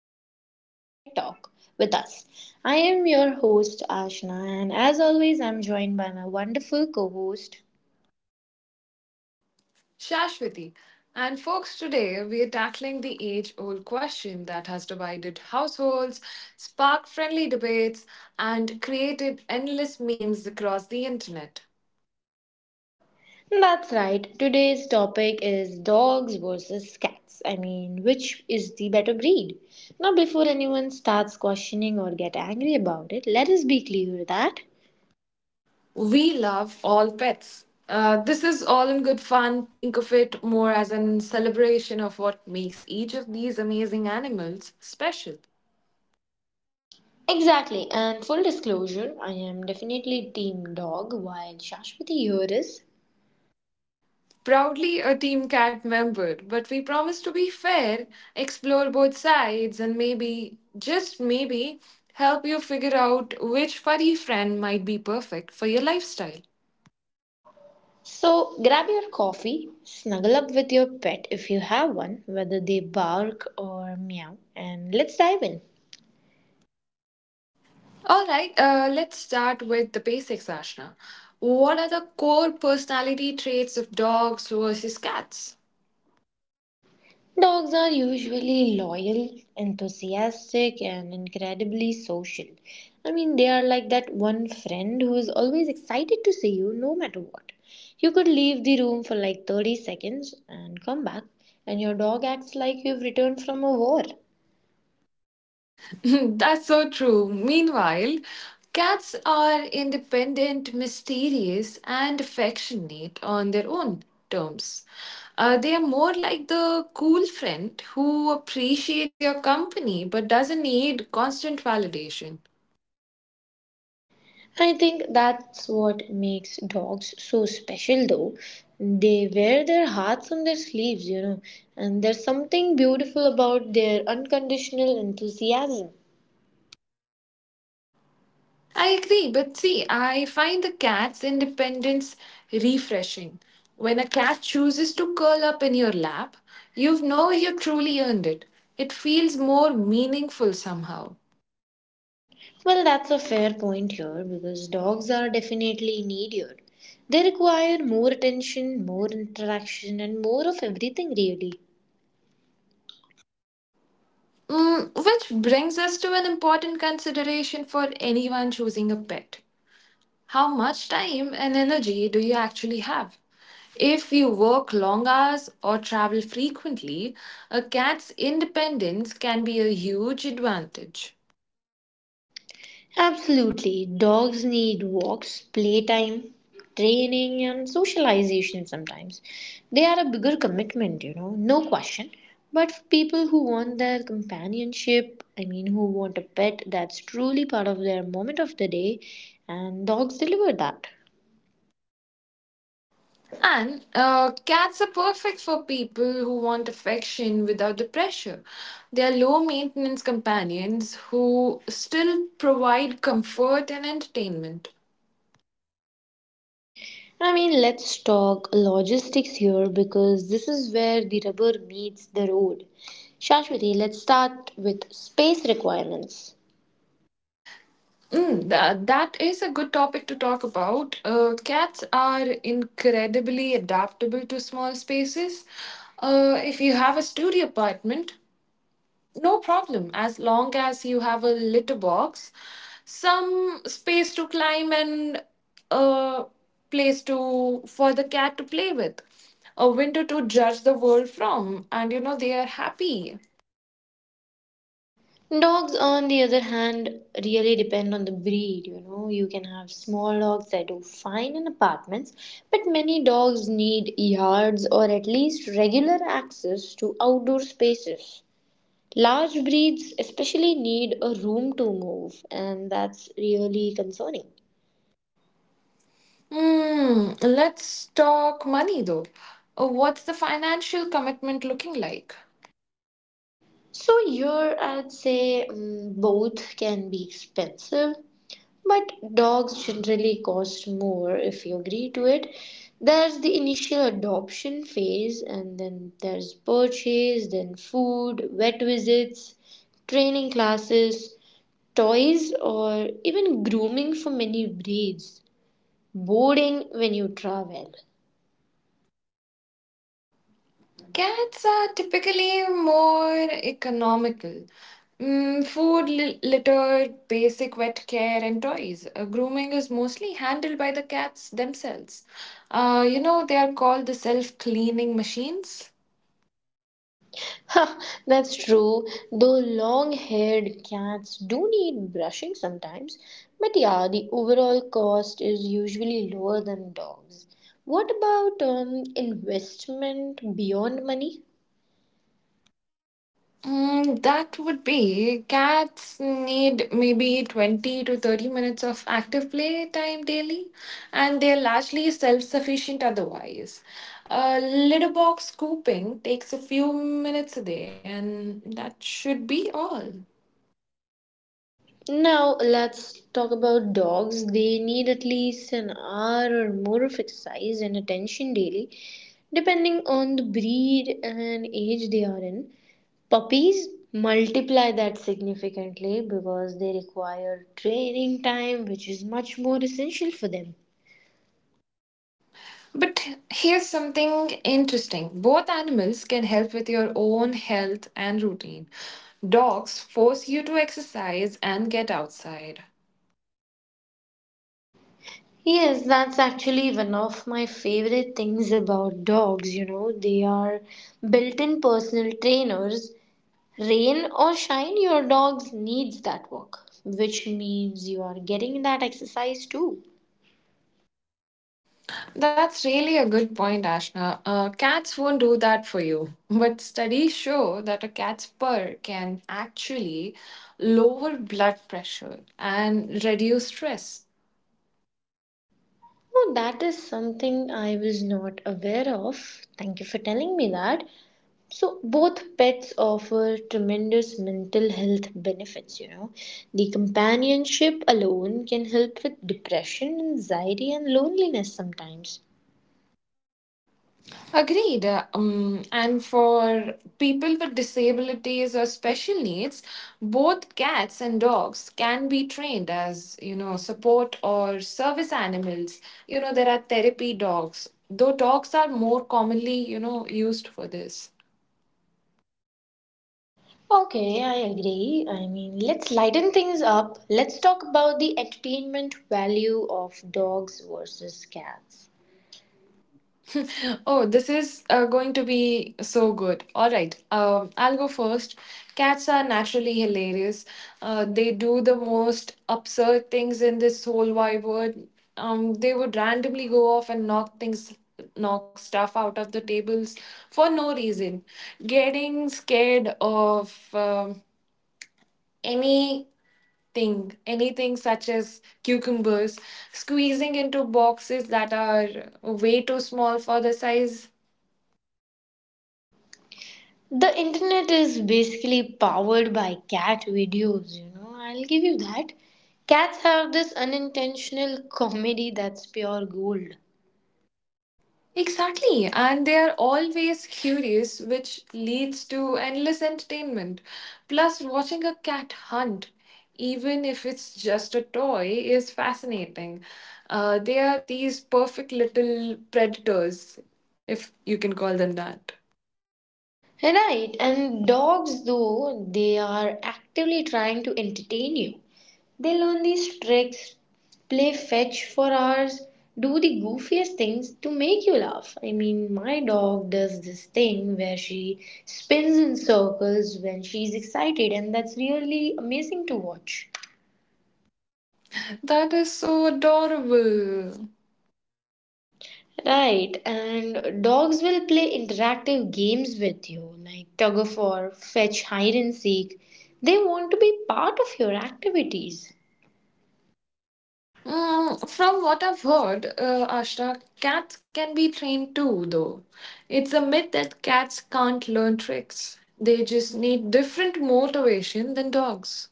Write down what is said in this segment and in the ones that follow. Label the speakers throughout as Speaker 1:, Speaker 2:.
Speaker 1: episode of Pet Talk with us. I am your host Ashna, and as always, I'm joined by my wonderful co host.
Speaker 2: Shashwati. And folks, today we are tackling the age old question that has divided households, sparked friendly debates, and created endless memes across the internet.
Speaker 1: That's right, today's topic is dogs versus cats. Which is the better breed? Now, before anyone starts questioning or get angry about it, let us be clear that
Speaker 2: We love all pets. This is all in good fun. Think of it more as a celebration of what makes each of these amazing animals special.
Speaker 1: exactly, and full disclosure, I am definitely team dog while Shashwati here is
Speaker 2: Proudly a Team Cat member, but we promise to be fair, explore both sides, and maybe, just maybe, help you figure out which furry friend might be perfect for your lifestyle.
Speaker 1: so grab your coffee, snuggle up with your pet if you have one, whether they bark or meow, and let's dive in.
Speaker 2: Alright, let's start with the basics, Ashna. What are the core personality traits of dogs versus cats?
Speaker 1: Dogs are usually loyal, enthusiastic, and incredibly social. They are like that one friend who is always excited to see you no matter what. You could leave the room for like 30 seconds and come back, and your dog acts like you've returned from a war.
Speaker 2: That's so true. Meanwhile, cats are independent, mysterious, and affectionate on their own terms. They are more like the cool friend who appreciates your company but doesn't need constant validation.
Speaker 1: I think that's what makes dogs so special, though. They wear their hearts on their sleeves, you know, and there's something beautiful about their unconditional enthusiasm.
Speaker 2: I agree, but see, I find the cat's independence refreshing. When a cat chooses to curl up in your lap, you know you truly earned it. It feels more meaningful somehow.
Speaker 1: Well, that's a fair point here because dogs are definitely needier. They require more attention, more interaction, and more of everything, really.
Speaker 2: Which brings us to an important consideration for anyone choosing a pet. How much time and energy do you actually have? If you work long hours or travel frequently, a cat's independence can be a huge advantage.
Speaker 1: Absolutely. Dogs need walks, playtime, training, and socialization sometimes. They are a bigger commitment, you know, no question. But for people who want their companionship, who want a pet that's truly part of their moment of the day, and dogs deliver that.
Speaker 2: And cats are perfect for people who want affection without the pressure. They are low maintenance companions who still provide comfort and entertainment.
Speaker 1: Let's talk logistics here because this is where the rubber meets the road. Shashwati, let's start with space requirements.
Speaker 2: That is a good topic to talk about. Cats are incredibly adaptable to small spaces. If you have a studio apartment, no problem, as long as you have a litter box, some space to climb, and a place to for the cat to play with, a window to judge the world from, and you know they are happy.
Speaker 1: Dogs, on the other hand, really depend on the breed. You know, you can have small dogs that do fine in apartments, but many dogs need yards or at least regular access to outdoor spaces. Large breeds, especially, need a room to move, and that's really concerning.
Speaker 2: Hmm. Let's talk money though. What's the financial commitment looking like?
Speaker 1: So, here I'd say mm, both can be expensive. But dogs generally cost more if you agree to it. There's the initial adoption phase, and then there's purchase, then food, vet visits, training classes, toys, or even grooming for many breeds, boarding when you travel.
Speaker 2: Cats are typically more economical. Food, litter, basic vet care, and toys. Grooming is mostly handled by the cats themselves. You know, they are called the self cleaning machines.
Speaker 1: That's true, though long haired cats do need brushing sometimes. But yeah, the overall cost is usually lower than dogs. What about investment beyond money?
Speaker 2: That would be cats need maybe 20 to 30 minutes of active play time daily, and they're largely self sufficient otherwise. A litter box scooping takes a few minutes a day, and that should be all.
Speaker 1: Now let's talk about dogs. They need at least an hour or more of exercise and attention daily, depending on the breed and age they are in. Puppies multiply that significantly because they require training time, which is much more essential for them.
Speaker 2: But here's something interesting both animals can help with your own health and routine. Dogs force you to exercise and get outside.
Speaker 1: Yes, that's actually one of my favorite things about dogs. You know, they are built in personal trainers. Rain or shine, your dog needs that walk, which means you are getting that exercise too.
Speaker 2: That's really a good point, Ashna. Cats won't do that for you. But studies show that a cat's purr can actually lower blood pressure and reduce stress.
Speaker 1: Oh, that is something I was not aware of. Thank you for telling me that. So, both pets offer tremendous mental health benefits, you know. The companionship alone can help with depression, anxiety, and loneliness sometimes.
Speaker 2: Agreed. And for people with disabilities or special needs, both cats and dogs can be trained as, you know, support or service animals. You know, there are therapy dogs, though dogs are more commonly, you know, used for this.
Speaker 1: Okay, I agree. Let's lighten things up. Let's talk about the entertainment value of dogs versus cats.
Speaker 2: Oh, this is going to be so good. All right, I'll go first. Cats are naturally hilarious. They do the most absurd things in this whole wide world. They would randomly go off and knock things, knock stuff out of the tables for no reason. Getting scared of anything, anything such as cucumbers, squeezing into boxes that are way too small for the size.
Speaker 1: The internet is basically powered by cat videos, you know, I'll give you that. Cats have this unintentional comedy that's pure gold.
Speaker 2: Exactly, and they are always curious, which leads to endless entertainment. Plus, watching a cat hunt, even if it's just a toy, is fascinating. They are these perfect little predators, if you can call them that.
Speaker 1: Right, and dogs, though they are actively trying to entertain you, they learn these tricks, play fetch for hours, do the goofiest things to make you laugh. My dog does this thing where she spins in circles when she's excited, and that's really amazing to watch.
Speaker 2: That is so adorable.
Speaker 1: Right, and dogs will play interactive games with you, like tug of war, fetch, hide and seek. They want to be part of your activities.
Speaker 2: From what I've heard, Ashra, cats can be trained too, though. It's a myth that cats can't learn tricks. They just need different motivation than dogs.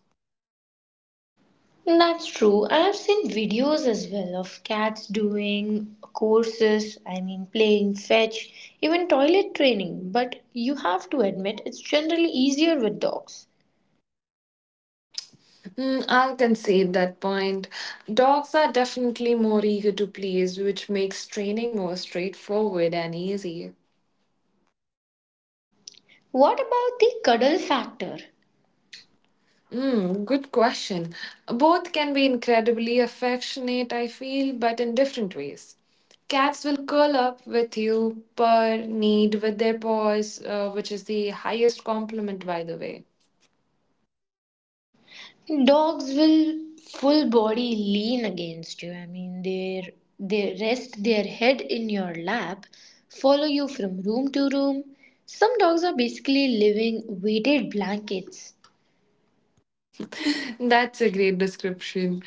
Speaker 1: That's true. I've seen videos as well of cats doing courses, playing fetch, even toilet training. But you have to admit, it's generally easier with dogs.
Speaker 2: I'll concede that point. Dogs are definitely more eager to please, which makes training more straightforward and easy.
Speaker 1: What about the cuddle factor?
Speaker 2: Good question. Both can be incredibly affectionate, I feel, but in different ways. Cats will curl up with you, purr, knead with their paws, which is the highest compliment, by the way.
Speaker 1: Dogs will full body lean against you. They rest their head in your lap, follow you from room to room. Some dogs are basically living weighted blankets.
Speaker 2: That's a great description.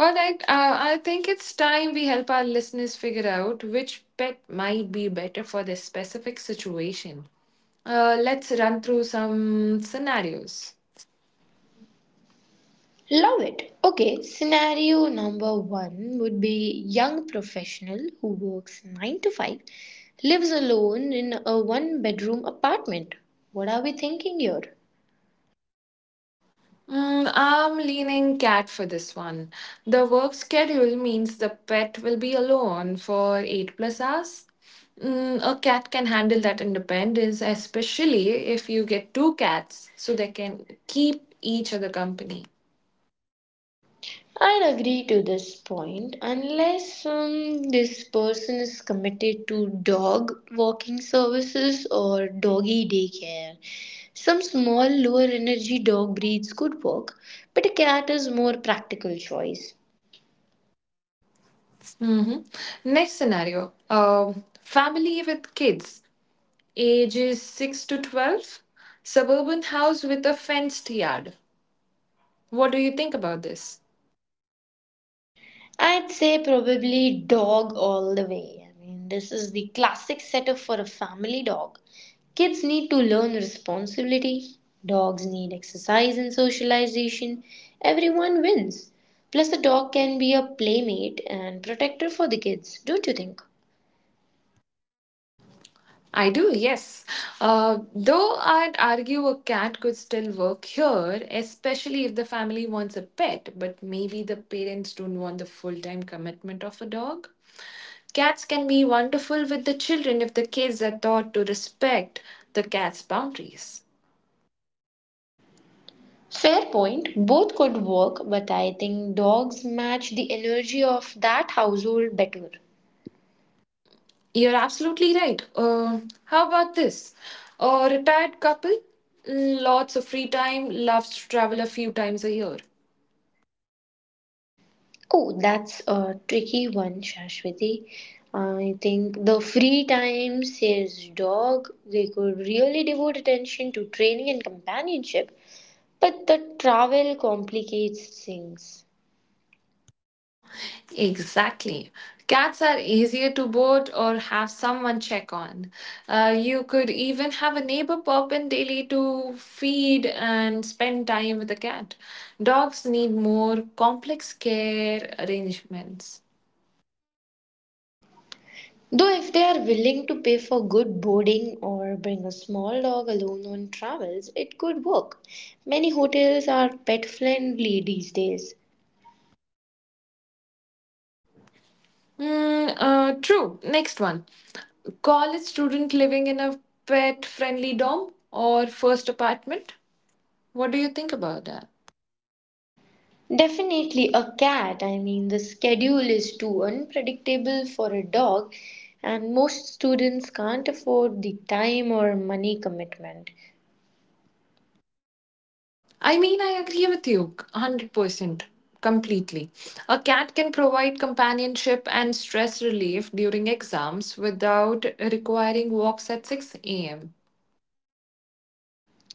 Speaker 2: All right, I think it's time we help our listeners figure out which pet might be better for their specific situation. Let's run through some scenarios.
Speaker 1: Love it. Okay, scenario number one would be young professional who works 9 to 5, lives alone in a one bedroom apartment. What are we thinking here?
Speaker 2: I'm leaning cat for this one. The work schedule means the pet will be alone for 8 plus hours. A cat can handle that independence, especially if you get two cats so they can keep each other company.
Speaker 1: I'd agree to this point unless this person is committed to dog walking services or doggy daycare. Some small, lower energy dog breeds could work, but a cat is more practical choice.
Speaker 2: hmm Next scenario, um, family with kids, ages 6 to 12, suburban house with a fenced yard. What do you think about this?
Speaker 1: I'd say probably dog all the way. This is the classic setup for a family dog. Kids need to learn responsibility, dogs need exercise and socialization. Everyone wins. Plus, the dog can be a playmate and protector for the kids, don't you think?
Speaker 2: I do, yes. Though I'd argue a cat could still work here, especially if the family wants a pet, but maybe the parents don't want the full time commitment of a dog. Cats can be wonderful with the children if the kids are taught to respect the cat's boundaries.
Speaker 1: Fair point, both could work, but I think dogs match the energy of that household better.
Speaker 2: You're absolutely right. How about this? A retired couple, lots of free time, loves to travel a few times a year.
Speaker 1: Oh, that's a tricky one, Shashwati. I think the free time says dog, they could really devote attention to training and companionship, but the travel complicates things.
Speaker 2: Exactly. Cats are easier to board or have someone check on. You could even have a neighbor pop in daily to feed and spend time with the cat. Dogs need more complex care arrangements.
Speaker 1: Though, if they are willing to pay for good boarding or bring a small dog alone on travels, it could work. Many hotels are pet friendly these days.
Speaker 2: True. Next one. College student living in a pet friendly dorm or first apartment? What do you think about that?
Speaker 1: Definitely a cat. The schedule is too unpredictable for a dog, and most students can't afford the time or money commitment.
Speaker 2: I mean, I agree with you 100% completely. A cat can provide companionship and stress relief during exams without requiring walks at 6 a.m.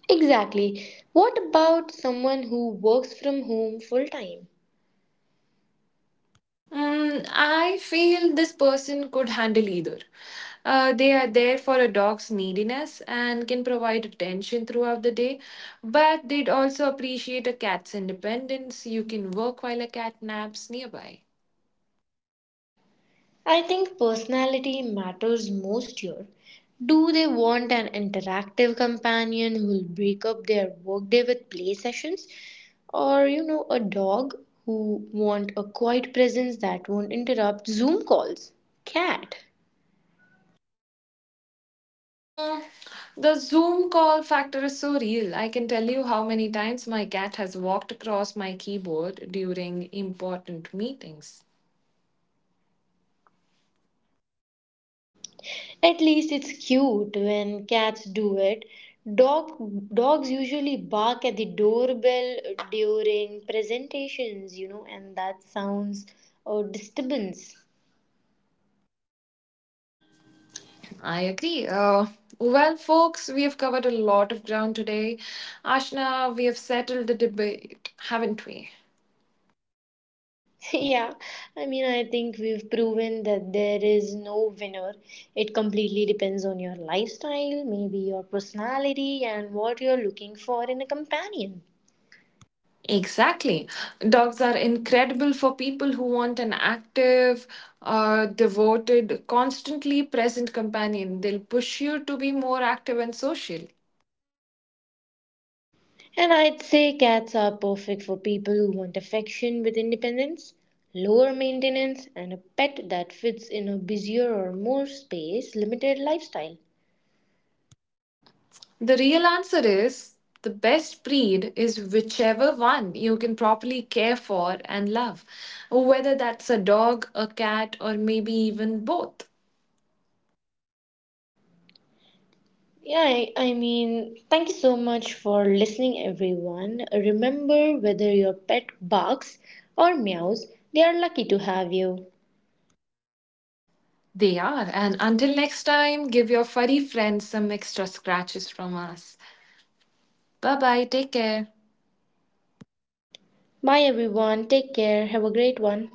Speaker 1: Exactly. What about someone who works from home full time?
Speaker 2: I feel this person could handle either. They are there for a dog's neediness and can provide attention throughout the day, but they'd also appreciate a cat's independence. You can work while a cat naps nearby.
Speaker 1: I think personality matters most here. Do they want an interactive companion who will break up their workday with play sessions? Or, you know, a dog who want a quiet presence that won't interrupt Zoom calls? Cat.
Speaker 2: Mm, the Zoom call factor is so real. I can tell you how many times my cat has walked across my keyboard during important meetings.
Speaker 1: At least it's cute when cats do it. Dog Dogs usually bark at the doorbell during presentations, you know, and that sounds a disturbance.
Speaker 2: I agree. Well, folks, we have covered a lot of ground today. Ashna, we have settled the debate, haven't we?
Speaker 1: Yeah, I think we've proven that there is no winner. It completely depends on your lifestyle, maybe your personality, and what you're looking for in a companion.
Speaker 2: Exactly. Dogs are incredible for people who want an active, devoted, constantly present companion. They'll push you to be more active and social.
Speaker 1: And I'd say cats are perfect for people who want affection with independence, lower maintenance, and a pet that fits in a busier or more space limited lifestyle.
Speaker 2: The real answer is the best breed is whichever one you can properly care for and love, whether that's a dog, a cat, or maybe even both.
Speaker 1: Yeah, I thank you so much for listening, everyone. Remember, whether your pet barks or meows, they are lucky to have you.
Speaker 2: They are. And until next time, give your furry friends some extra scratches from us. Bye bye. Take care.
Speaker 1: Bye, everyone. Take care. Have a great one.